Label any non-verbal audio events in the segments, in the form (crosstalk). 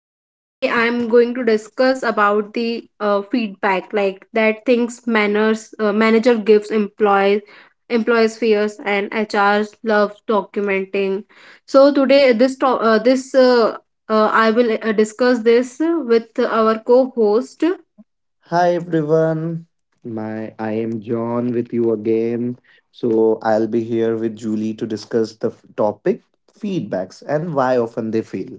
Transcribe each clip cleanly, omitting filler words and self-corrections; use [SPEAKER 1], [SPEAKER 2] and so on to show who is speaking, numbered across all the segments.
[SPEAKER 1] Today I'm going to discuss about the feedback, like that things manners manager gives employees, employees fears, and HR loves documenting. So today this I will discuss this with our co-host.
[SPEAKER 2] Hi everyone. My I am John with you again. So I'll be here with Julie to discuss the topic feedbacks and why often they fail.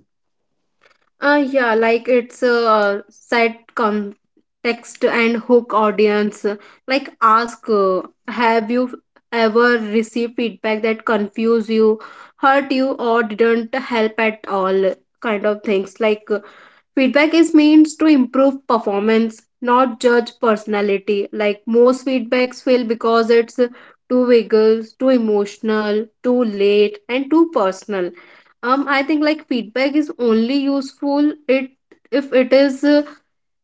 [SPEAKER 1] Yeah, like it's a set context and hook audience. Like, ask, have you ever received feedback that confused you, hurt you, or didn't help at all? Kind of things. Like, feedback is means to improve performance, not judge personality. Like most feedbacks fail because it's too vigorous, too emotional, too late, and too personal. I think like feedback is only useful it if it is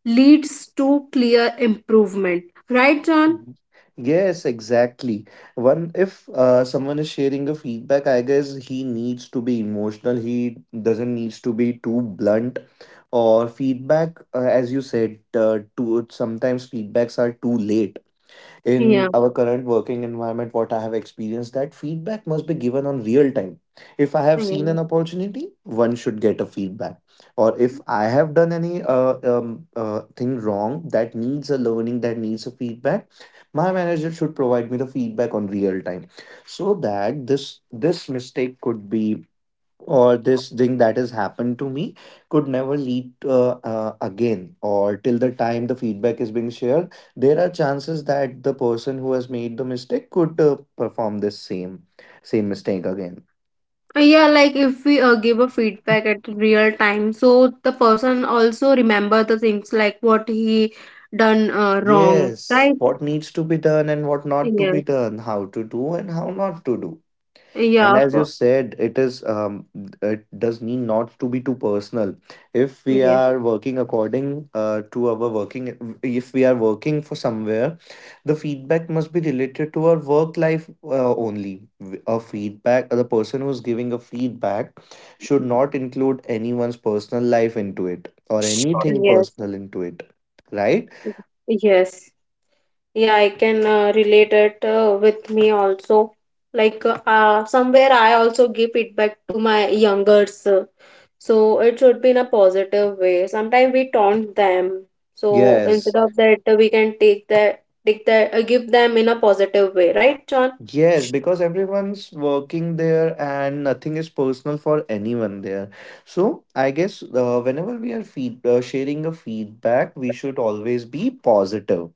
[SPEAKER 1] leads to clear improvement. Right, John?
[SPEAKER 2] Mhm. Yes, exactly. One, if someone is sharing a feedback, I guess he needs to be emotional. He doesn't needs to be too blunt or feedback, as you said, too sometimes feedbacks are too late. In
[SPEAKER 1] Yeah.
[SPEAKER 2] our current working environment, what I have experienced that feedback must be given on real time. If I have seen
[SPEAKER 1] Yeah.
[SPEAKER 2] an opportunity, one should get a feedback, or if I have done any thing wrong that needs a learning, that needs a feedback. My manager should provide me the feedback on real time, so that this mistake could be, or this thing that has happened to me could never lead again, or till the time the feedback is being shared, there are chances that the person who has made the mistake could perform this same mistake again.
[SPEAKER 1] Yeah, like if we give a feedback at real time, so the person also remember the things like what he done wrong,
[SPEAKER 2] Yes,
[SPEAKER 1] right?
[SPEAKER 2] what needs to be done and what not to be
[SPEAKER 1] Yes.
[SPEAKER 2] done, how to do and how not to do. And
[SPEAKER 1] Yeah.
[SPEAKER 2] as you
[SPEAKER 1] For,
[SPEAKER 2] said, it is it does need not to be too personal. If we
[SPEAKER 1] yes.
[SPEAKER 2] are working according to our working, if we are working for somewhere, the feedback must be related to our work life only. A feedback, the person who's giving a feedback should not include anyone's personal life into it or anything personal into it, right?
[SPEAKER 1] Yes. Yes. Yeah, I can relate it with me also. Somewhere I also give feedback to my youngers. So it should be in a positive way. Sometimes we taunt them. So
[SPEAKER 2] Yes.
[SPEAKER 1] instead of that, we can take the give them in a positive way, right, John?
[SPEAKER 2] Yes, because everyone's working there and nothing is personal for anyone there. So I guess, whenever we are feed sharing a feedback, we should always be positive.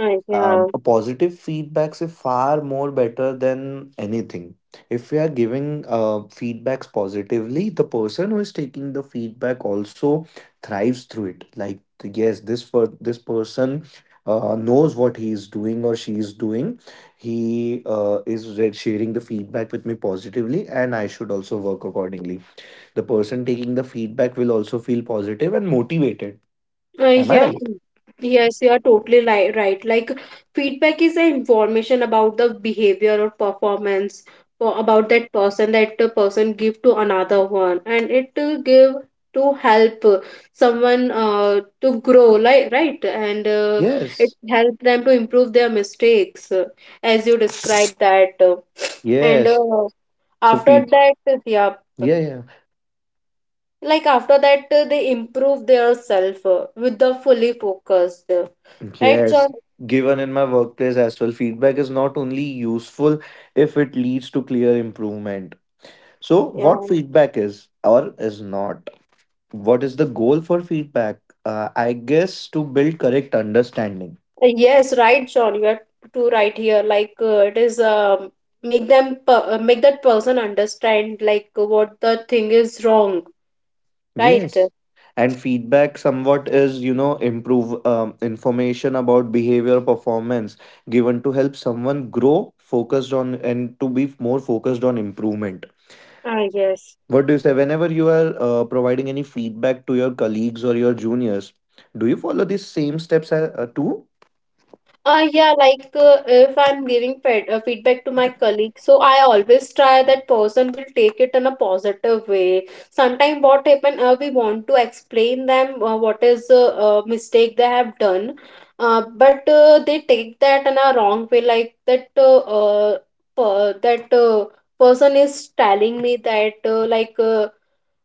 [SPEAKER 1] Yeah.
[SPEAKER 2] A positive feedbacks is far more better than anything. If we are giving feedbacks positively, the person who is taking the feedback also thrives through it, like yes, this, for this person, knows what he is doing or she is doing. He is sharing the feedback with me positively, and I should also work accordingly. The person taking the feedback will also feel positive and motivated. Am I
[SPEAKER 1] Yeah.
[SPEAKER 2] right?
[SPEAKER 1] Yes, you are totally li right. Like feedback is an information about the behavior or performance or about that person that the person give to another one, and it to give to help someone to grow, like right, and it
[SPEAKER 2] Yes.
[SPEAKER 1] help them to improve their mistakes, as you described that, and
[SPEAKER 2] Yes. so
[SPEAKER 1] after
[SPEAKER 2] feed
[SPEAKER 1] that, yeah,
[SPEAKER 2] Yeah, yeah.
[SPEAKER 1] like after that they improve their self with the fully focused. Right,
[SPEAKER 2] Yes,
[SPEAKER 1] John?
[SPEAKER 2] given in my workplace as well, feedback is not only useful if it leads to clear improvement. So, what
[SPEAKER 1] Yeah.
[SPEAKER 2] feedback is or is not? What is the goal for feedback? I guess to build correct understanding.
[SPEAKER 1] Yes, right, John. You are too right here. Like it is make that person understand like what the thing is wrong, right?
[SPEAKER 2] Yes. And feedback somewhat is, you know, improve, information about behavior performance given to help someone grow, focused on and to be more focused on improvement.
[SPEAKER 1] Ah, yes.
[SPEAKER 2] What do you say? Whenever you are providing any feedback to your colleagues or your juniors, do you follow these same steps too?
[SPEAKER 1] Yeah, like if I'm giving feedback to my colleague, so I always try that person will take it in a positive way. Sometimes what happen, we want to explain them what is mistake they have done, but they take that in a wrong way, like that person is telling me that uh, like uh,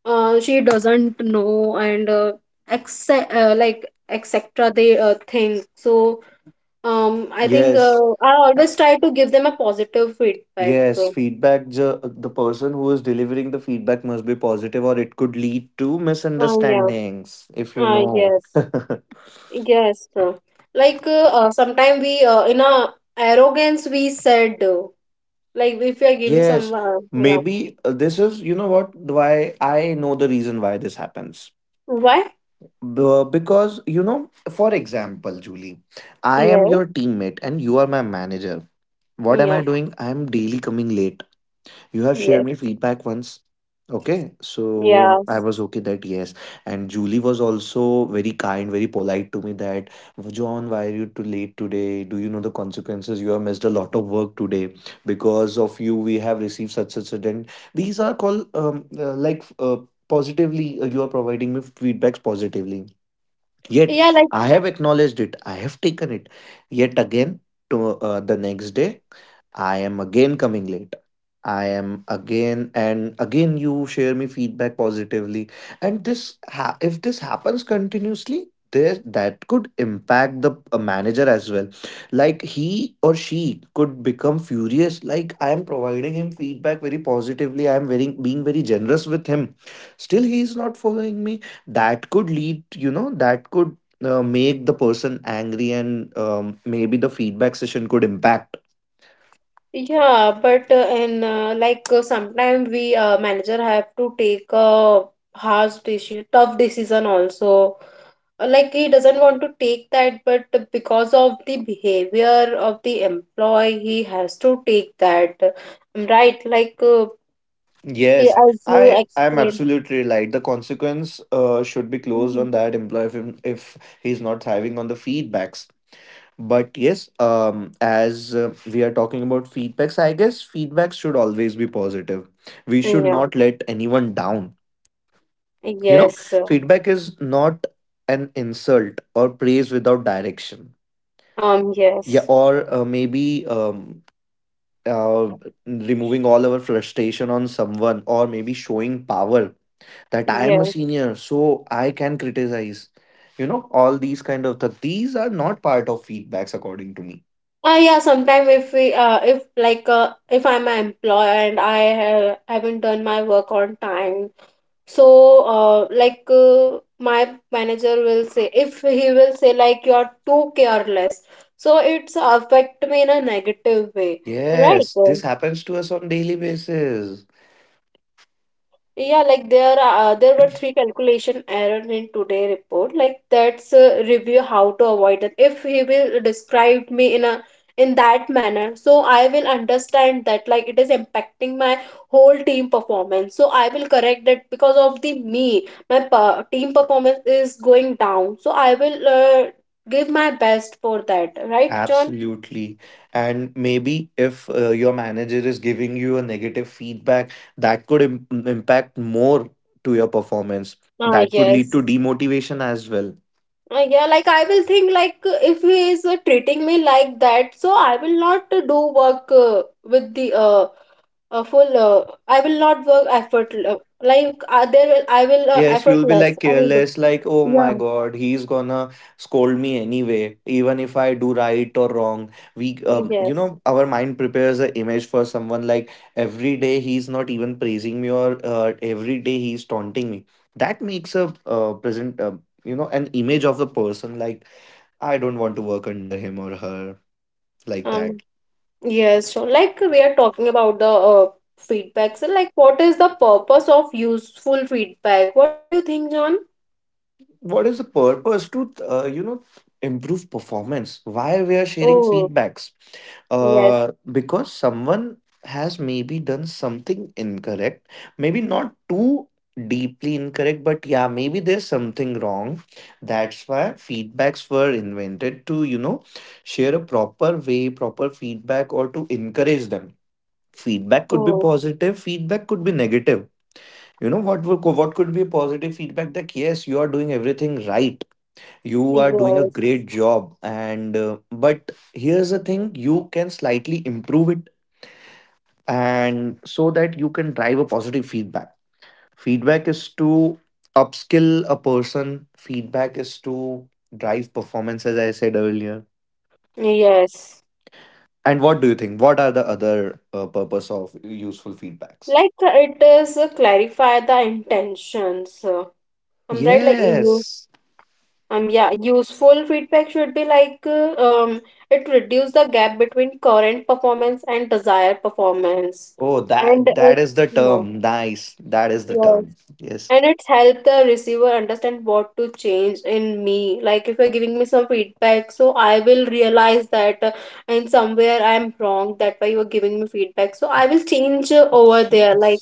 [SPEAKER 1] uh, she doesn't know and like etc. They think so. um, I think uh,
[SPEAKER 2] Yes.
[SPEAKER 1] I always try to give them a positive feedback.
[SPEAKER 2] Yes, The person who is delivering the feedback must be positive, or it could lead to
[SPEAKER 1] Yeah.
[SPEAKER 2] misunderstandings, if you know.
[SPEAKER 1] Yes.
[SPEAKER 2] (laughs)
[SPEAKER 1] Yes. Like sometimes we in our arrogance we said like if we are giving some
[SPEAKER 2] Yes,
[SPEAKER 1] yeah.
[SPEAKER 2] maybe this is, you know what, why I know the reason why this happens.
[SPEAKER 1] Why?
[SPEAKER 2] Because, you know, for example, Julie, I am
[SPEAKER 1] Yeah.
[SPEAKER 2] your teammate and you are my manager. What am
[SPEAKER 1] Yeah.
[SPEAKER 2] I doing? I am daily coming late. You have shared
[SPEAKER 1] Yes.
[SPEAKER 2] me feedback once. Okay, so I
[SPEAKER 1] Yes.
[SPEAKER 2] was okay that yes. And Julie was also very kind, very polite to me that, John, why are you too late today? Do you know the consequences? You have missed a lot of work today. Because of you, we have received such such, and these are called like, positively, you are providing me feedbacks positively. Yet
[SPEAKER 1] Yeah.
[SPEAKER 2] I have acknowledged it, I have taken it. Yet again, to, the next day I am again coming late. I am again and again you share me feedback positively, and if this happens continuously, there that could impact the manager as well. Like he or she could become furious, like I am providing him feedback very positively, I am very being very generous with him, still he is not following me. That could lead, you know, that could make the person angry, and maybe the feedback session could impact.
[SPEAKER 1] Yeah, but in like sometimes we manager have to take a harsh decision, tough decision also. Like he doesn't want to take that, but because of the behavior of the employee, he has to take that. Right? Yeah,
[SPEAKER 2] Yes,
[SPEAKER 1] as you
[SPEAKER 2] I'm
[SPEAKER 1] explained.
[SPEAKER 2] absolutely right. The consequence should be closed
[SPEAKER 1] Mhm.
[SPEAKER 2] on that employee if, if he's not thriving on the feedbacks. But yes, as we are talking about feedbacks, I guess feedback should always be positive. We should
[SPEAKER 1] Yeah.
[SPEAKER 2] not let anyone down. You know,
[SPEAKER 1] Yes.
[SPEAKER 2] feedback is not an insult or praise without direction. Yeah,
[SPEAKER 1] Yes.
[SPEAKER 2] or maybe uh, removing all our frustration on someone, or maybe showing power that I am a
[SPEAKER 1] Yes.
[SPEAKER 2] senior, so I can criticize. You know, all these kind of these are not part of feedbacks according to me.
[SPEAKER 1] Yeah, sometime if we if like if I'm an employer and I have, haven't done my work on time, so my manager will say if he will say like you're too careless, so it's affect me in a negative way, right?
[SPEAKER 2] Yes, this happens to us on daily basis.
[SPEAKER 1] Yeah, like there are there were three calculation errors in today report. Like that's a review how to avoid it. If he will describe me in that manner, so I will understand that like it is impacting my whole team performance. So I will correct that because of the me, my per team performance is going down. So I will give my best for that. Right, John?
[SPEAKER 2] Absolutely. And maybe if your manager is giving you a negative feedback, that could impact more to your performance.
[SPEAKER 1] Ah,
[SPEAKER 2] That could lead
[SPEAKER 1] yes.
[SPEAKER 2] to demotivation as well.
[SPEAKER 1] Yeah, like I will think like if he is treating me like that, so I will not do work with the full. I will not work effort like there will I will
[SPEAKER 2] Yes, you'll be like
[SPEAKER 1] effortless. I will do.
[SPEAKER 2] careless, like, oh my
[SPEAKER 1] Yeah.
[SPEAKER 2] God, he's gonna scold me anyway, even if I do right or wrong. We, you
[SPEAKER 1] Yes.
[SPEAKER 2] know, our mind prepares an image for someone, like every day he's not even praising me, or every day he's taunting me. That makes a present, you know, an image of the person like, I don't want to work under him or her, like
[SPEAKER 1] Um.
[SPEAKER 2] that.
[SPEAKER 1] Yes. So like we are talking about the feedback. So like, what is the purpose of useful feedback? What do you think, John?
[SPEAKER 2] What is the purpose to, you know, improve performance? Why we are sharing
[SPEAKER 1] Oh
[SPEAKER 2] feedbacks?
[SPEAKER 1] yes.
[SPEAKER 2] Because someone has maybe done something incorrect, maybe not too deeply incorrect, but yeah, maybe there's something wrong. That's why feedbacks were invented to, you know, share a proper way, proper feedback, or to encourage them. Feedback could be
[SPEAKER 1] Oh
[SPEAKER 2] positive, feedback could be negative. You know what what could be a positive feedback? That yes, you are doing everything right, you are doing a
[SPEAKER 1] yes.
[SPEAKER 2] great job, and but here's the thing, you can slightly improve it, and so that you can drive a positive feedback. Feedback is to upskill a person, feedback is to drive performance, as I said earlier.
[SPEAKER 1] Yes.
[SPEAKER 2] And what do you think, what are the other purpose of useful feedbacks?
[SPEAKER 1] Like it is clarify the intentions I'm right like you.
[SPEAKER 2] Yes.
[SPEAKER 1] Yeah, useful feedback should be like it reduce the gap between current performance and desired performance,
[SPEAKER 2] Oh,
[SPEAKER 1] and
[SPEAKER 2] that
[SPEAKER 1] it,
[SPEAKER 2] is the
[SPEAKER 1] yeah,
[SPEAKER 2] term, nice, that is the
[SPEAKER 1] yeah,
[SPEAKER 2] term, yes.
[SPEAKER 1] and it's helped the receiver understand what to change in me. Like if you're giving me some feedback, so I will realize that in somewhere I'm wrong, that why you're giving me feedback, so I will change over there. Like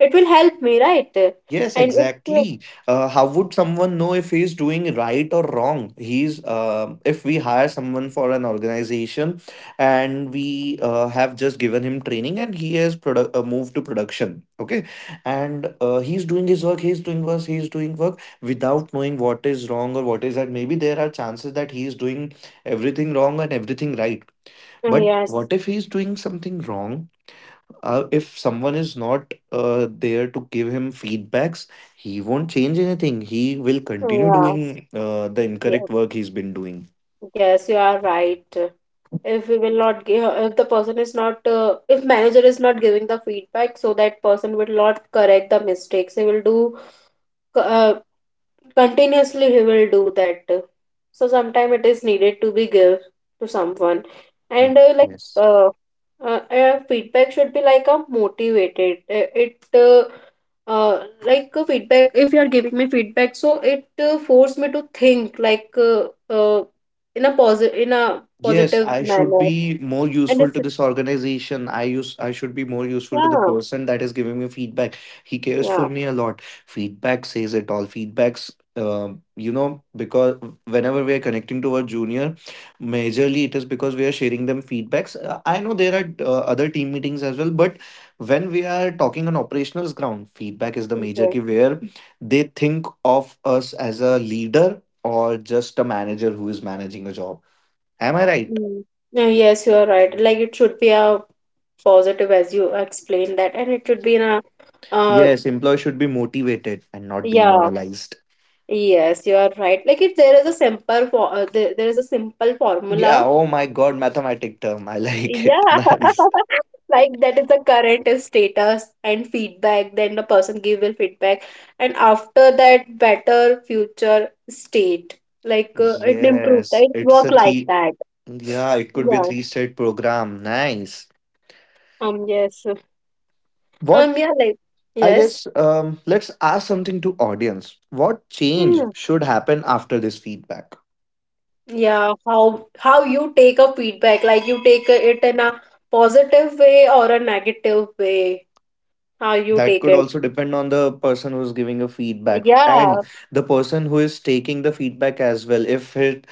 [SPEAKER 1] it will help me right, and
[SPEAKER 2] Yes,
[SPEAKER 1] it's
[SPEAKER 2] exactly. How would someone know if he's doing right or wrong? He's If we hire someone for an organization, and we have just given him training, and he has moved to production. Okay, and he's doing his work. He's doing work. He's doing work without knowing what is wrong or what is that. Maybe there are chances that he's doing everything wrong and everything right. But what
[SPEAKER 1] yes.
[SPEAKER 2] if he's doing something wrong? If someone is not there to give him feedbacks, he won't change anything. He will continue
[SPEAKER 1] Yes.
[SPEAKER 2] doing the
[SPEAKER 1] Yes.
[SPEAKER 2] incorrect work he's been doing.
[SPEAKER 1] Yes, you are right. If we will not give, if the person is not if manager is not giving the feedback, so that person will not correct the mistakes he will do uh, continuously he will do that, so sometime it is needed to be give to someone,
[SPEAKER 2] Mm,
[SPEAKER 1] and uh, like
[SPEAKER 2] yes.
[SPEAKER 1] uh, uh, uh, feedback should be like a motivated it like a feedback. If you are giving me feedback, so it forced me to think like in a positive in a
[SPEAKER 2] Yes,
[SPEAKER 1] positive
[SPEAKER 2] I should
[SPEAKER 1] manner,
[SPEAKER 2] be more
[SPEAKER 1] and
[SPEAKER 2] useful
[SPEAKER 1] it's
[SPEAKER 2] to this organization. I should be more useful to the
[SPEAKER 1] yeah.
[SPEAKER 2] person that is giving me feedback. He cares
[SPEAKER 1] Yeah.
[SPEAKER 2] for me a lot. Feedback says it all. Feedbacks, you know, because whenever we are connecting to our junior, majorly it is because we are sharing them feedbacks. I know there are other team meetings as well, but when we are talking on operationals ground, feedback is the major
[SPEAKER 1] Okay.
[SPEAKER 2] key where they think of us as a leader or just a manager who is managing a job. Am I right?
[SPEAKER 1] Mm. Yes, you are right. Like it should be a positive as you explained that, and it should be in a uh
[SPEAKER 2] Yes, employees should be motivated and not
[SPEAKER 1] yeah,
[SPEAKER 2] demoralized.
[SPEAKER 1] yes, you are right. Like if there is a simple for there, there is a simple
[SPEAKER 2] Yeah,
[SPEAKER 1] formula.
[SPEAKER 2] oh my god, mathematic term. I like
[SPEAKER 1] Yeah.
[SPEAKER 2] it. (laughs) Nice.
[SPEAKER 1] (laughs) Like that is the current status and feedback, then the person give will feedback, and after that better future state. It improved.
[SPEAKER 2] Yes,
[SPEAKER 1] It
[SPEAKER 2] it's a
[SPEAKER 1] work like
[SPEAKER 2] three.
[SPEAKER 1] that.
[SPEAKER 2] Yeah, it could be a
[SPEAKER 1] Yeah.
[SPEAKER 2] three-state program. Nice.
[SPEAKER 1] Yes.
[SPEAKER 2] What,
[SPEAKER 1] Yeah, like
[SPEAKER 2] I
[SPEAKER 1] yes.
[SPEAKER 2] guess, let's ask something to audience. What change should happen after this feedback?
[SPEAKER 1] Yeah, how you take a feedback, like you take it in a positive way or a negative way, how you
[SPEAKER 2] That
[SPEAKER 1] take
[SPEAKER 2] could
[SPEAKER 1] it.
[SPEAKER 2] also depend on the person who's giving a feedback and
[SPEAKER 1] Yeah,
[SPEAKER 2] the person who is taking the feedback as well. If it,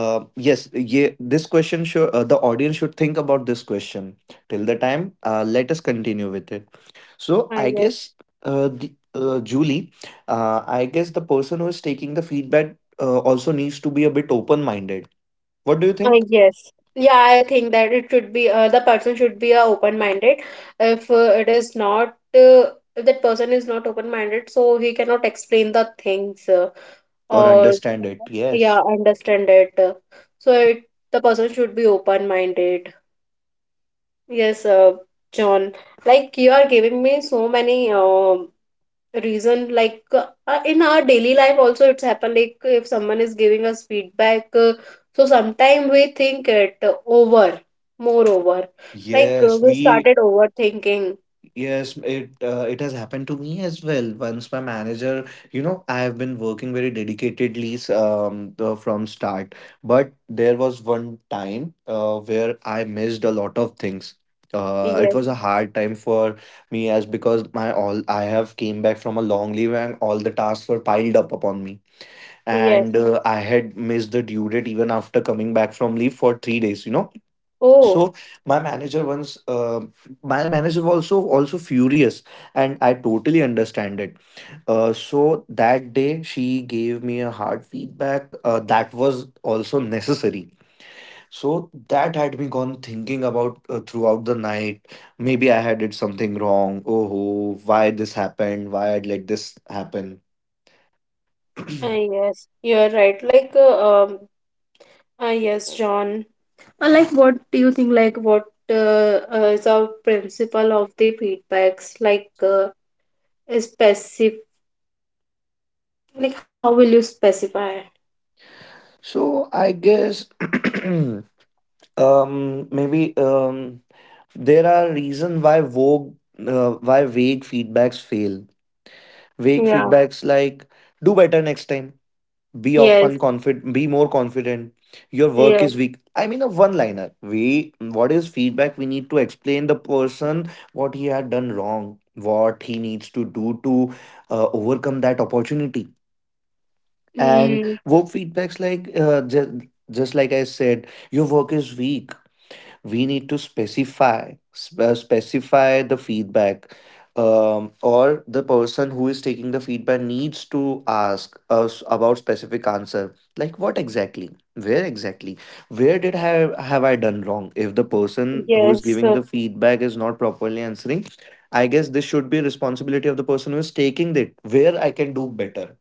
[SPEAKER 2] Yes, yeah, this question should, the audience should think about this question till the time. Let us continue with it. So
[SPEAKER 1] I
[SPEAKER 2] I guess
[SPEAKER 1] guess.
[SPEAKER 2] the Julie, I guess the person who is taking the feedback also needs to be a bit open minded. What do you
[SPEAKER 1] I
[SPEAKER 2] think?
[SPEAKER 1] guess. Yeah, I think that it should be the person should be open-minded. If it is not if that person is not open-minded, so he cannot explain the things
[SPEAKER 2] Or
[SPEAKER 1] or
[SPEAKER 2] understand it?
[SPEAKER 1] yeah,
[SPEAKER 2] Yes.
[SPEAKER 1] understand it. So it the person should be open-minded. Yes, John. Like you are giving me so many reason. In our daily life, also it's happened. Like if someone is giving us feedback, so sometimes we think it over, more over.
[SPEAKER 2] Yes,
[SPEAKER 1] We
[SPEAKER 2] we,
[SPEAKER 1] started overthinking.
[SPEAKER 2] yes, it it has happened to me as well. Once my manager, you know, I have been working very dedicatedly from start, but there was one time where I missed a lot of things. It was
[SPEAKER 1] Yes,
[SPEAKER 2] a hard time for me, as because my all I have came back from a long leave, and all the tasks were piled up upon me,
[SPEAKER 1] yes.
[SPEAKER 2] and I had missed the due date even after coming back from leave for 3 days. You know,
[SPEAKER 1] Oh,
[SPEAKER 2] so my manager once my manager was also furious, and I totally understand it. So that day she gave me a hard feedback, that was also necessary. So that had me gone thinking about throughout the night, maybe I had did something wrong. Oh ho, why this happened, why I'd let this happen. (clears throat)
[SPEAKER 1] yes. You are right. Yes, John. Like what do you think? Like what is our principle of the feedbacks? Specific, like how will you specify it?
[SPEAKER 2] So I guess (clears throat) maybe there are reasons why vague feedbacks fail. Vague
[SPEAKER 1] Yeah.
[SPEAKER 2] feedbacks like do better next time, be
[SPEAKER 1] Yes,
[SPEAKER 2] often confident, be more confident, your work is
[SPEAKER 1] yes,
[SPEAKER 2] weak. I mean, a one liner, we, what is feedback? We need to explain the person what he had done wrong, what he needs to do to overcome that opportunity. And
[SPEAKER 1] mm,
[SPEAKER 2] vogue feedbacks like just like I said, your work is weak. We need to specify the feedback. Or the person who is taking the feedback needs to ask us about specific answer, like what exactly, where exactly, where did have I done wrong. If the person who is
[SPEAKER 1] yes.
[SPEAKER 2] giving the feedback is not properly answering, I guess this should be responsibility of the person who is taking it, where I can do better.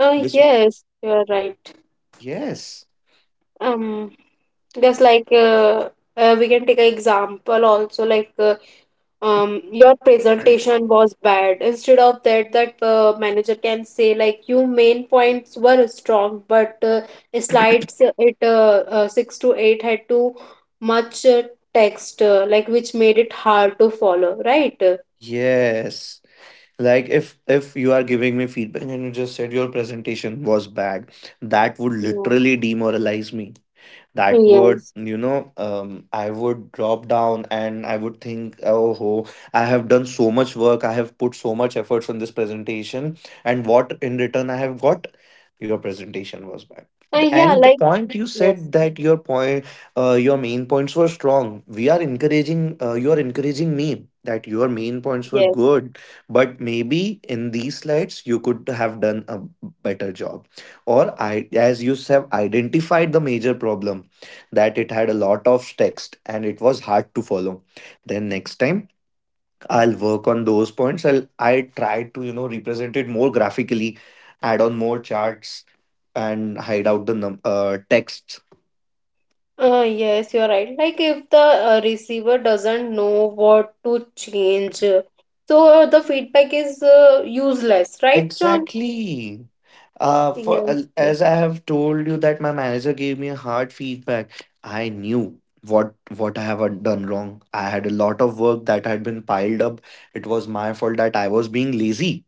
[SPEAKER 1] Oh,
[SPEAKER 2] This.
[SPEAKER 1] yes, you're right.
[SPEAKER 2] Yes.
[SPEAKER 1] Um, just like we can take an example also, like your presentation was bad. Instead of that, that manager can say like your main points were strong, but slides it six to eight had too much text, like which made it hard to follow, right?
[SPEAKER 2] Yes, like if you are giving me feedback and you just said your presentation was bad, that would
[SPEAKER 1] Mm,
[SPEAKER 2] literally demoralize me. That would,
[SPEAKER 1] yes.
[SPEAKER 2] I would drop down and I would think, oh ho, I have done so much work, I have put so much efforts on this presentation, and what in return I have got? Your presentation was bad.
[SPEAKER 1] Yeah,
[SPEAKER 2] And the
[SPEAKER 1] like,
[SPEAKER 2] point you said
[SPEAKER 1] yes,
[SPEAKER 2] that your point, your main points were strong, we are encouraging you are encouraging me that your main points were
[SPEAKER 1] yes.
[SPEAKER 2] good. But maybe in these slides you could have done a better job. Or I, as you have identified the major problem that it had a lot of text and it was hard to follow. Then next time I'll work on those points. I'll, I try to, you know, represent it more graphically, add on more charts, and hide out the texts.
[SPEAKER 1] Yes, you're right. Like if the receiver doesn't know what to change, so the feedback is useless, right, John?
[SPEAKER 2] Exactly. For
[SPEAKER 1] Yes, yes,
[SPEAKER 2] As I have told you that my manager gave me a hard feedback. I knew what I have done wrong. I had a lot of work that had been piled up. It was my fault that I was being lazy.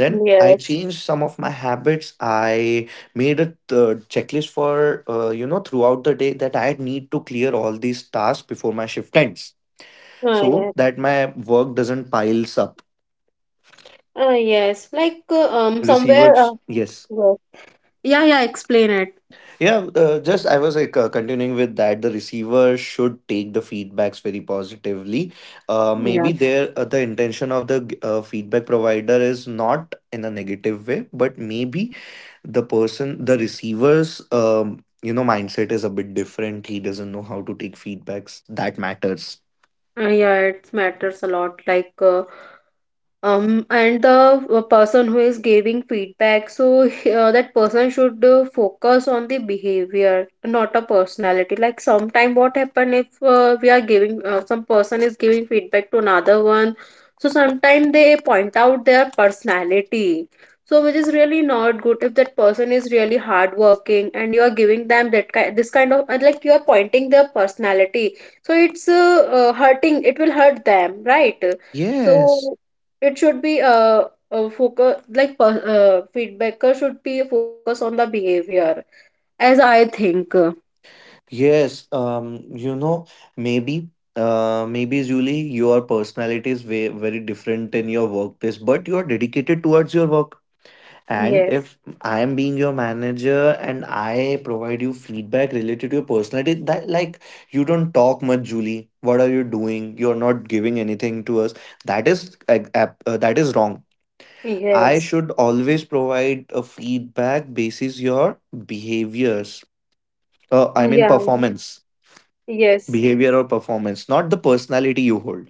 [SPEAKER 2] Then I
[SPEAKER 1] yes,
[SPEAKER 2] changed some of my habits. I made a checklist for, you know, throughout the day that I need to clear all these tasks before my shift ends, so
[SPEAKER 1] yes.
[SPEAKER 2] that my work doesn't piles up.
[SPEAKER 1] Yes, like somewhere.
[SPEAKER 2] Receivers, yes.
[SPEAKER 1] Yes, yeah, yeah. Explain it.
[SPEAKER 2] Yeah, just I was like continuing with that. The receiver should take the feedbacks very positively. Uh, maybe
[SPEAKER 1] Yes.
[SPEAKER 2] there uh, the intention of the feedback provider is not in a negative way, but maybe the receiver's, um, mindset is a bit different. He doesn't know how to take feedbacks. That matters.
[SPEAKER 1] Yeah, it matters a lot. And the person who is giving feedback, so that person should focus on the behavior, not a personality. Like sometime what happen if we are giving some person is giving feedback to another one, so sometime they point out their personality. So which is really not good if that person is really hardworking and you are giving them that kind this kind of like you are pointing their personality. So it's hurting. It will hurt them, right?
[SPEAKER 2] Yes.
[SPEAKER 1] So it should be focus like feedbacker should be focus on the behavior as I think.
[SPEAKER 2] Yes, um, you know, maybe maybe Julie, your personality is very very different in your workplace, but you are dedicated towards your work. And
[SPEAKER 1] Yes.
[SPEAKER 2] if I am being your manager and I provide you feedback related to your personality, that, like, you don't talk much, Julie. What are you doing? You're not giving anything to us. That is that is wrong. I
[SPEAKER 1] Yes.
[SPEAKER 2] should always provide a feedback basis your behaviors. I mean
[SPEAKER 1] Yeah.
[SPEAKER 2] performance,
[SPEAKER 1] Yes.
[SPEAKER 2] behavior or performance, not the personality you hold.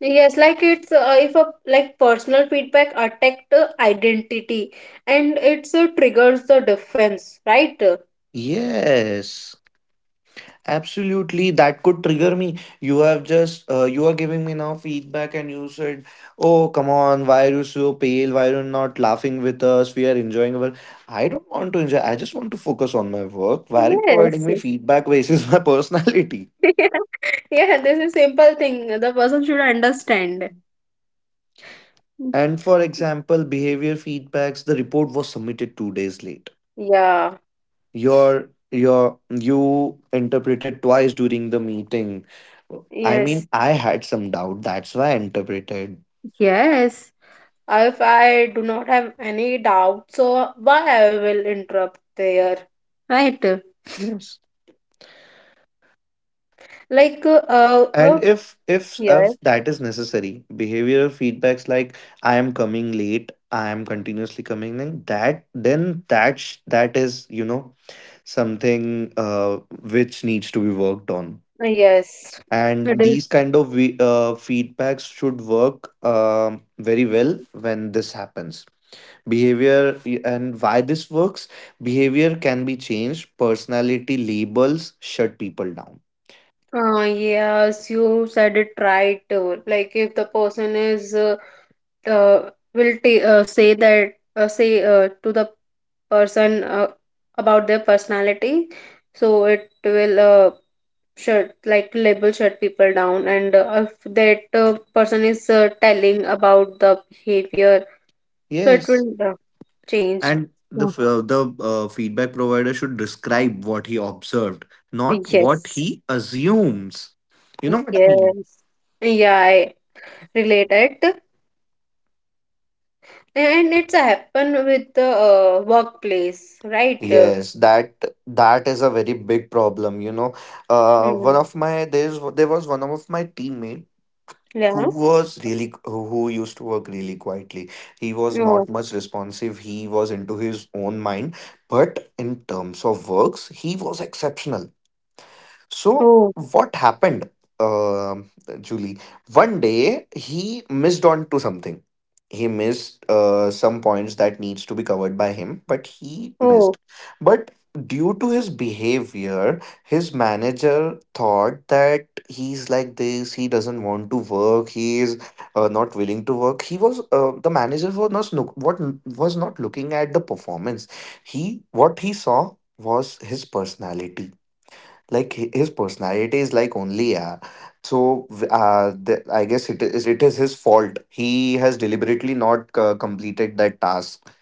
[SPEAKER 1] Yes. Like it's if a like personal feedback attack the identity, and it's triggers the defense, right?
[SPEAKER 2] Yes. Absolutely, that could trigger me. You have just you are giving me now feedback, and you said, "Oh, come on, why are you so pale? Why are you not laughing with us? We are enjoying well. I don't want to enjoy. I just want to focus on my work. Why are you providing
[SPEAKER 1] Yes.
[SPEAKER 2] me feedback basis (laughs) my personality?
[SPEAKER 1] (laughs) Yeah, this is simple thing. The person should understand.
[SPEAKER 2] And for example, behavior feedbacks. The report was submitted 2 days late.
[SPEAKER 1] Yeah.
[SPEAKER 2] Your your you interpreted twice during the meeting. I
[SPEAKER 1] Yes.
[SPEAKER 2] mean, I had some doubt. That's why I interpreted.
[SPEAKER 1] Yes. If I do not have any doubt, so why I will interrupt there? Right?
[SPEAKER 2] Yes.
[SPEAKER 1] Like, uh,
[SPEAKER 2] And
[SPEAKER 1] uh,
[SPEAKER 2] if if
[SPEAKER 1] yes,
[SPEAKER 2] if that is necessary, behavioral feedbacks like I am coming late, I am continuously coming late, that, then that is, you know, something which needs to be worked on.
[SPEAKER 1] yes. It
[SPEAKER 2] And these
[SPEAKER 1] is.
[SPEAKER 2] kind of feedbacks should work, very well when this happens. And why this works. Behavior can be changed. Personality labels shut people down.
[SPEAKER 1] Yes, you said it right. Like if the person is will t say that say to the person about their personality, so it will shut like label shut people down, and if that person is telling about the behavior, so it
[SPEAKER 2] Yes.
[SPEAKER 1] will change.
[SPEAKER 2] And the
[SPEAKER 1] Mm.
[SPEAKER 2] f- uh, the uh, feedback provider should describe what he observed, not what
[SPEAKER 1] Yes.
[SPEAKER 2] he assumes. You know what I mean.
[SPEAKER 1] Yes. Yeah, I relate it, and it's happen with the workplace, right?
[SPEAKER 2] Yes, that, that is a very big problem. You know, one
[SPEAKER 1] Mm.
[SPEAKER 2] of my, there was one of my teammate who
[SPEAKER 1] Yeah.
[SPEAKER 2] was really who used to work really quietly. He was
[SPEAKER 1] Oh,
[SPEAKER 2] not much responsive. He was into his own mind, but in terms of works, he was exceptional. So,
[SPEAKER 1] oh,
[SPEAKER 2] what happened, um, Julie? One day he missed on to something. He missed some points that needs to be covered by him, but he missed.
[SPEAKER 1] oh.
[SPEAKER 2] But due to his behavior, his manager thought that he's like this. He doesn't want to work. He is not willing to work. He was the manager was not look- what was not looking at the performance. He what he saw was his personality, like his personality is like only, yeah. So I guess it is, it is his fault, he has deliberately not completed that task,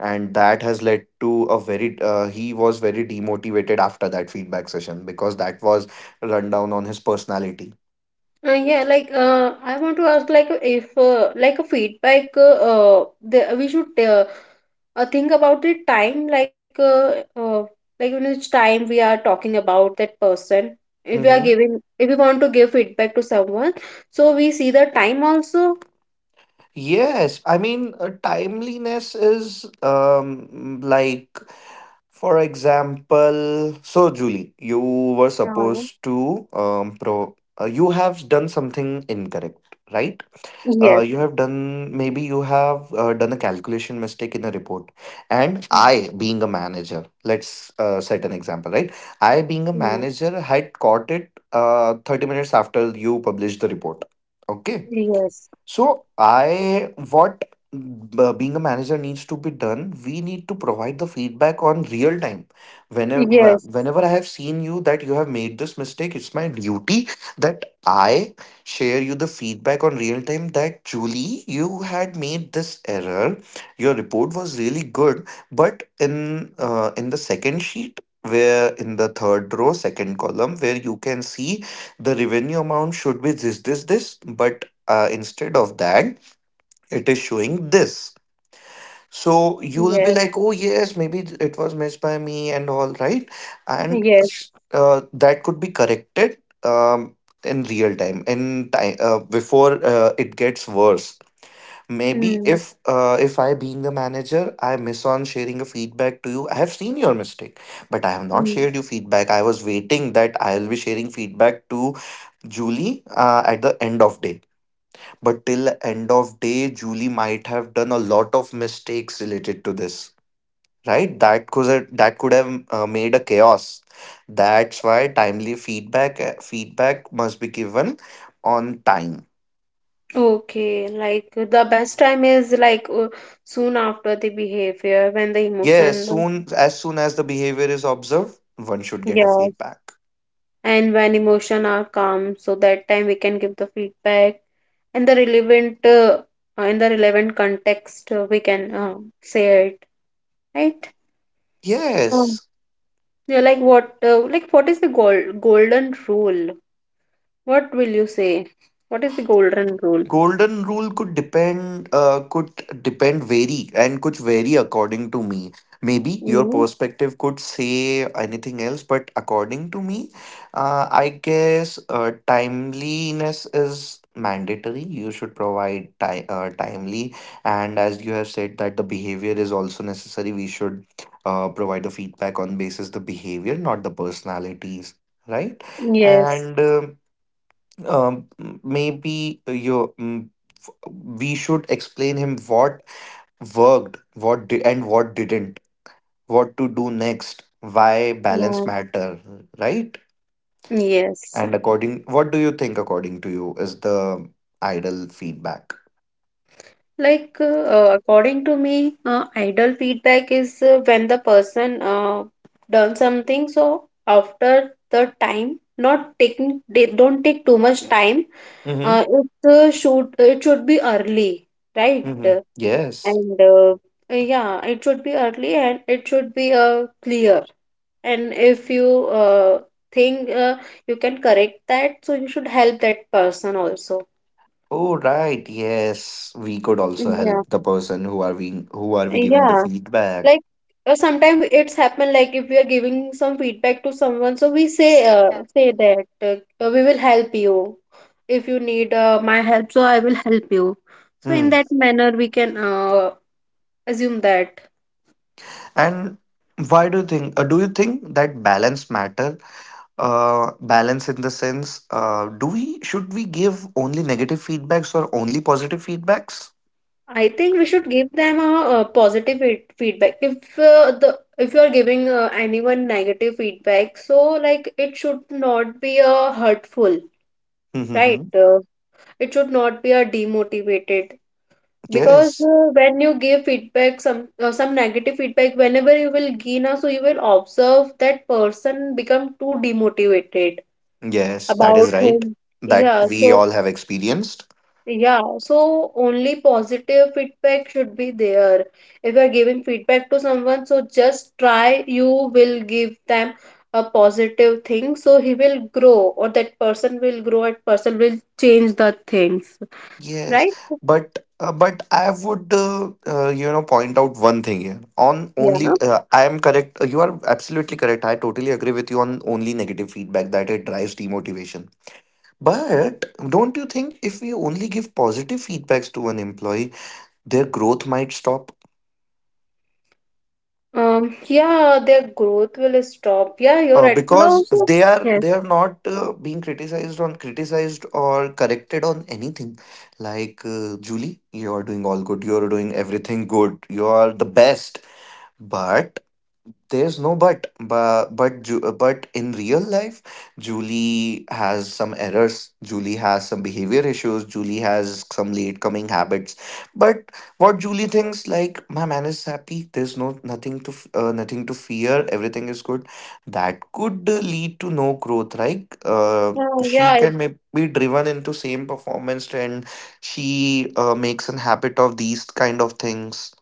[SPEAKER 2] and that has led to a very, he was very demotivated after that feedback session, because that was rundown on his personality.
[SPEAKER 1] Yeah, like I want to ask, like if like a feedback, we should think about the time, like in which time we are talking about that person. If we are
[SPEAKER 2] Hmm.
[SPEAKER 1] giving, if we want to give feedback to someone, so we see the time also.
[SPEAKER 2] Yes, I mean, timeliness is, um, like for example, so Julie, you were
[SPEAKER 1] Yeah.
[SPEAKER 2] supposed to pro you have done something incorrect, right?
[SPEAKER 1] Yes.
[SPEAKER 2] You have done, maybe you have done a calculation mistake in a report, and I,
[SPEAKER 1] Mm,
[SPEAKER 2] being a manager, let's set an example, right? I, being a
[SPEAKER 1] mm,
[SPEAKER 2] manager, had caught it 30 minutes after you published the report. Okay.
[SPEAKER 1] yes.
[SPEAKER 2] So being a manager needs to be done, we need to provide the feedback on real time. Whenever
[SPEAKER 1] Yes.
[SPEAKER 2] whenever I have seen you that you have made this mistake, it's my duty that I share you the feedback on real time, that Julie, you had made this error. Your report was really good, but in, in the second sheet, where in the third row second column, where you can see the revenue amount should be this this this, but instead of that, it is showing this. So you will be
[SPEAKER 1] Yes.
[SPEAKER 2] like, oh yes, maybe it was missed by me and all right. And
[SPEAKER 1] Yes.
[SPEAKER 2] that could be corrected, um, in real time, in time, before it gets worse. Maybe
[SPEAKER 1] Mm.
[SPEAKER 2] if, if I being the manager, I miss on sharing a feedback to you. I have seen your mistake, but I have not
[SPEAKER 1] mm.
[SPEAKER 2] shared you feedback. I was waiting that I will be sharing feedback to Julie, at the end of day. But till end of day, Julie might have done a lot of mistakes related to this, right? That could have, made a chaos. That's why timely feedback must be given on time.
[SPEAKER 1] Okay, like the best time is like soon after the behavior when the
[SPEAKER 2] Yes,
[SPEAKER 1] emotion,
[SPEAKER 2] soon as the behavior is observed, one should get a
[SPEAKER 1] yes,
[SPEAKER 2] feedback.
[SPEAKER 1] and when emotion are calm, so that time we can give the feedback and the relevant in the relevant context we can say it, right? Um,
[SPEAKER 2] Yes.
[SPEAKER 1] yeah, like what is the golden rule? What will you say? What is the golden rule?
[SPEAKER 2] Golden rule could depend vary and could vary according to me. Maybe your
[SPEAKER 1] Mm-hmm.
[SPEAKER 2] perspective could say anything else, but according to me, I guess timeliness is mandatory. You should timely, and as you have said, that the behavior is also necessary. We should provide the feedback on basis the behavior, not the personalities. Right.
[SPEAKER 1] Yes.
[SPEAKER 2] And, um, maybe your mm, we should explain him what worked, what did and what didn't, what to do next, why balance
[SPEAKER 1] Yes.
[SPEAKER 2] matter. Right.
[SPEAKER 1] Yes.
[SPEAKER 2] And, according, what do you think, according to you, is the ideal feedback?
[SPEAKER 1] Like, according to me, idle feedback is when the person done something. So after the time, not taking, they don't take too much time.
[SPEAKER 2] Mm-hmm.
[SPEAKER 1] It should it should be early, right?
[SPEAKER 2] Mm-hmm. Yes.
[SPEAKER 1] And yeah, it should be early and it should be clear. And if you think you can correct that, so you should help that person also.
[SPEAKER 2] Oh right, yes, we could also
[SPEAKER 1] Yeah,
[SPEAKER 2] help the person who are we, who are we giving the
[SPEAKER 1] yeah.
[SPEAKER 2] feedback.
[SPEAKER 1] Like sometimes it's happened like if we are giving some feedback to someone, so we
[SPEAKER 2] Hmm.
[SPEAKER 1] say that we will help you if you need my help, so I will help you. So in that manner, we can assume that.
[SPEAKER 2] And why do you think, do you think that balance matter? Uh, balance in the sense, do we should we give only negative feedbacks or only positive feedbacks?
[SPEAKER 1] I think we should give them a, positive feedback. If the if you are giving anyone negative feedback, so like it should not be a hurtful,
[SPEAKER 2] Mm-hmm.
[SPEAKER 1] right? It should not be a demotivated because
[SPEAKER 2] Yes,
[SPEAKER 1] when you give feedback some negative feedback whenever you will give now so you will observe that person become too demotivated
[SPEAKER 2] yes, that
[SPEAKER 1] about
[SPEAKER 2] is right,
[SPEAKER 1] him,
[SPEAKER 2] that
[SPEAKER 1] yeah,
[SPEAKER 2] we
[SPEAKER 1] so
[SPEAKER 2] all have experienced.
[SPEAKER 1] yeah so only positive feedback should be there. If you are giving feedback to someone, so just try you will give them a positive thing, so he will grow or that person will grow and person will change the things,
[SPEAKER 2] Yes,
[SPEAKER 1] right. So
[SPEAKER 2] but I would, you know, point out one thing here. On only
[SPEAKER 1] yeah.
[SPEAKER 2] I am correct, you are absolutely correct, I totally agree with you, on only negative feedback, that it drives demotivation. But don't you think if we only give positive feedbacks to an employee, their growth might stop?
[SPEAKER 1] Yeah, their growth will stop. Yeah, you're right. And
[SPEAKER 2] Because
[SPEAKER 1] also,
[SPEAKER 2] they are,
[SPEAKER 1] yes.
[SPEAKER 2] they are not being criticized or corrected on anything. Like, Julie, you are doing all good, you are doing everything good, you are the best. But there's no but, but in real life, Julie has some errors. Julie has some behavior issues. Julie has some late coming habits. But what Julie thinks, like my man is happy. There's nothing to fear. Everything is good. That could, lead to no growth. Right?
[SPEAKER 1] Uh,
[SPEAKER 2] She
[SPEAKER 1] yeah, it-
[SPEAKER 2] can maybe be driven into same performance, and she, makes an habit of these kind of things.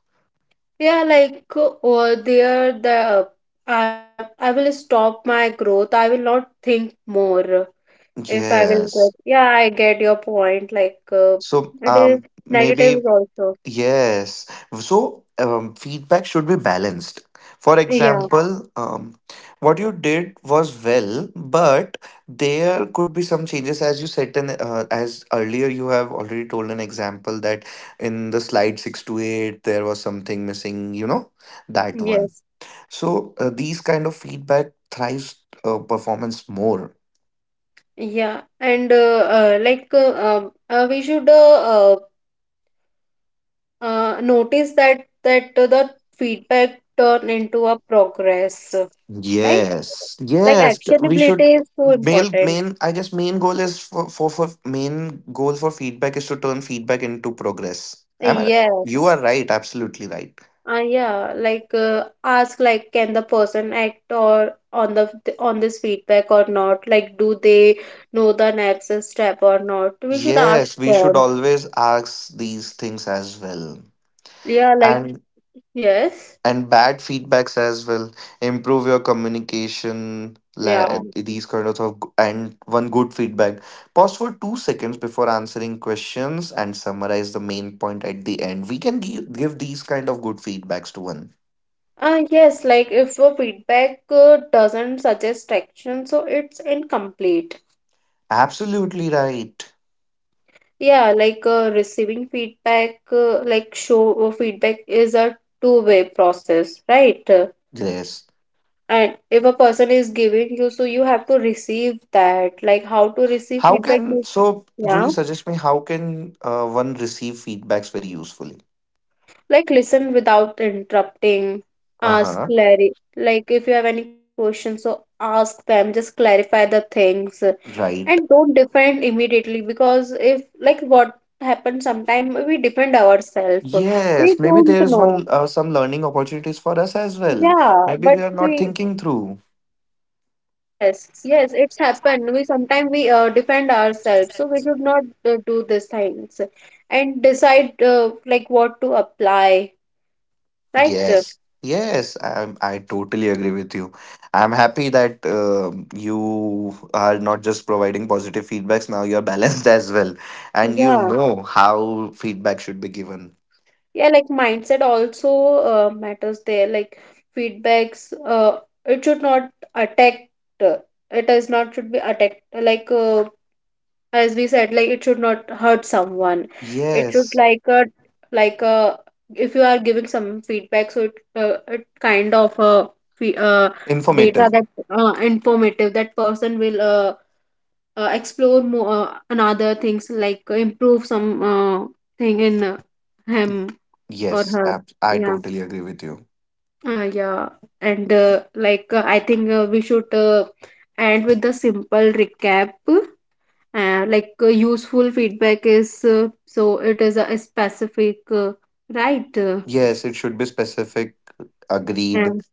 [SPEAKER 1] yeah, like or there the I will stop my growth. I will not think more if I will
[SPEAKER 2] Yes.
[SPEAKER 1] get. Yeah, I get your point. Like
[SPEAKER 2] So,
[SPEAKER 1] it is negative
[SPEAKER 2] maybe
[SPEAKER 1] is also.
[SPEAKER 2] yes. So, feedback should be balanced. For, yeah,
[SPEAKER 1] Yeah.
[SPEAKER 2] example, what you did was well, but there could be some changes, as you said, and, as earlier you have already told an example that in the slide six to eight there was something missing. You know that one.
[SPEAKER 1] Yes.
[SPEAKER 2] So, these kind of feedback thrives, performance more.
[SPEAKER 1] Yeah, and like we should notice that the feedback turn into a progress, right?
[SPEAKER 2] Yes,
[SPEAKER 1] Like
[SPEAKER 2] yes. We should,
[SPEAKER 1] actionability is so
[SPEAKER 2] mail
[SPEAKER 1] important.
[SPEAKER 2] main, I guess main goal is for main goal for feedback is to turn feedback into progress. Am I? You
[SPEAKER 1] Yes.
[SPEAKER 2] are right. Absolutely right.
[SPEAKER 1] Yeah, like ask like can the person act or on the on this feedback or not? Like do they know the next step or not? We should ask
[SPEAKER 2] Yes, we should
[SPEAKER 1] them.
[SPEAKER 2] always ask these things as well.
[SPEAKER 1] Yeah, like yes.
[SPEAKER 2] And bad feedbacks as well, improve your communication,
[SPEAKER 1] Yeah.
[SPEAKER 2] like these kind of and one good feedback, pause for 2 seconds before answering questions and summarize the main point at the end. We can give, give these kind of good feedbacks to one.
[SPEAKER 1] Yes, like if a feedback doesn't suggest action, so it's incomplete.
[SPEAKER 2] Absolutely right.
[SPEAKER 1] Yeah, like receiving feedback, like show feedback is a two-way process, right?
[SPEAKER 2] Yes,
[SPEAKER 1] And if a person is giving you, so you have to receive that. Like how to receive
[SPEAKER 2] how
[SPEAKER 1] feedback
[SPEAKER 2] can,
[SPEAKER 1] is,
[SPEAKER 2] so
[SPEAKER 1] yeah,
[SPEAKER 2] Julie, suggest me how can, one receive feedbacks very usefully?
[SPEAKER 1] like listen without interrupting, ask
[SPEAKER 2] Uh-huh.
[SPEAKER 1] clarity. Like if you have any questions, so ask them, just clarify the things. And
[SPEAKER 2] Right.
[SPEAKER 1] don't defend immediately because if like what happens sometime we defend ourselves, we
[SPEAKER 2] Yes, maybe
[SPEAKER 1] don't
[SPEAKER 2] there's
[SPEAKER 1] know.
[SPEAKER 2] one, some learning opportunities for us as well.
[SPEAKER 1] Yeah,
[SPEAKER 2] Maybe
[SPEAKER 1] but
[SPEAKER 2] we are not
[SPEAKER 1] we
[SPEAKER 2] thinking through.
[SPEAKER 1] yes, yes, it's happened. We sometimes we defend ourselves, so we should not do these things and decide like what to apply, right?
[SPEAKER 2] Yes. Yes, I totally agree with you. I'm happy that, um, you are not just providing positive feedbacks, now you're balanced (laughs) as well, and you
[SPEAKER 1] Yeah,
[SPEAKER 2] know how feedback should be given.
[SPEAKER 1] yeah, like mindset also matters there. Like feedbacks, it should not attack. uh, It is not should be attacked. Like as we said like it should not hurt someone. It should
[SPEAKER 2] Yes,
[SPEAKER 1] like a if you are giving some feedback so it kind of fe- uh, data
[SPEAKER 2] informative.
[SPEAKER 1] that informative, that person will explore more another things like improve some thing in him or
[SPEAKER 2] Yes,
[SPEAKER 1] her.
[SPEAKER 2] I
[SPEAKER 1] Yeah.
[SPEAKER 2] totally agree with you.
[SPEAKER 1] Yeah, and like I think we should end with the simple recap, like useful feedback is so it is a specific, uh, right,
[SPEAKER 2] Yes, it should be specific, agreed.
[SPEAKER 1] and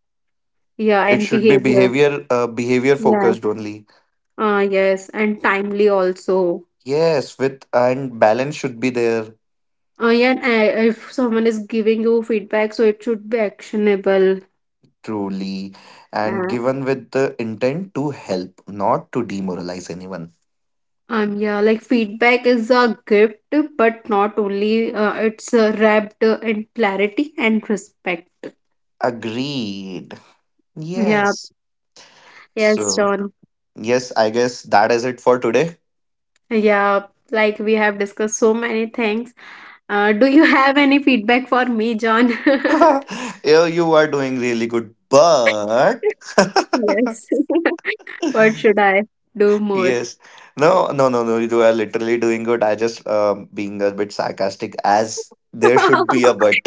[SPEAKER 1] yeah
[SPEAKER 2] It
[SPEAKER 1] and
[SPEAKER 2] should be
[SPEAKER 1] behavior.
[SPEAKER 2] behavior
[SPEAKER 1] Yes.
[SPEAKER 2] focused only.
[SPEAKER 1] Yes, and timely also.
[SPEAKER 2] Yes, with and balance should be there.
[SPEAKER 1] Yeah, and if someone is giving you feedback so it should be actionable.
[SPEAKER 2] Truly. And
[SPEAKER 1] uh,
[SPEAKER 2] given with the intent to help, not to demoralize anyone.
[SPEAKER 1] um yeah, like feedback is a gift but not only it's wrapped in clarity and respect.
[SPEAKER 2] Agreed.
[SPEAKER 1] Yeah,
[SPEAKER 2] Yes.
[SPEAKER 1] yes,
[SPEAKER 2] So,
[SPEAKER 1] John.
[SPEAKER 2] yes, I guess that is it for today.
[SPEAKER 1] Yeah, like we have discussed so many things. Do you have any feedback for me, John? (laughs)
[SPEAKER 2] (laughs) Yeah, you are doing really good, but
[SPEAKER 1] Yes. (laughs) What
[SPEAKER 2] (laughs)
[SPEAKER 1] should I do more?
[SPEAKER 2] yes, no, no, no, no, you are literally doing good. I just, being a bit sarcastic, as there
[SPEAKER 1] (laughs)
[SPEAKER 2] should be a but.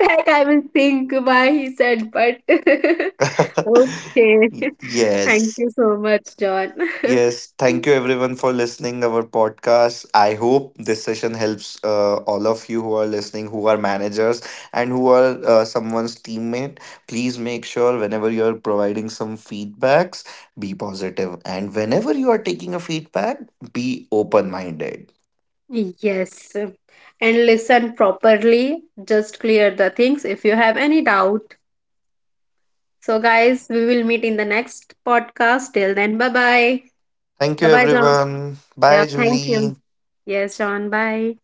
[SPEAKER 1] That I will think why he said, but (laughs) okay.
[SPEAKER 2] (laughs)
[SPEAKER 1] (laughs) Thank
[SPEAKER 2] Yes.
[SPEAKER 1] you so much, John. (laughs)
[SPEAKER 2] Yes, thank you everyone for listening our podcast. I hope this session helps, all of you who are listening, who are managers and who are, someone's teammate. Please make sure whenever you are providing some feedbacks, be positive, and whenever you are taking a feedback, be open minded.
[SPEAKER 1] Yes. And listen properly. Just clear the things if you have any doubt. So, guys, we will meet in the next podcast. Till then, bye bye.
[SPEAKER 2] Thank
[SPEAKER 1] Bye
[SPEAKER 2] you
[SPEAKER 1] bye, John.
[SPEAKER 2] everyone.
[SPEAKER 1] Yeah,
[SPEAKER 2] Bye,
[SPEAKER 1] thank you.
[SPEAKER 2] Julie.
[SPEAKER 1] Yes, John. Bye.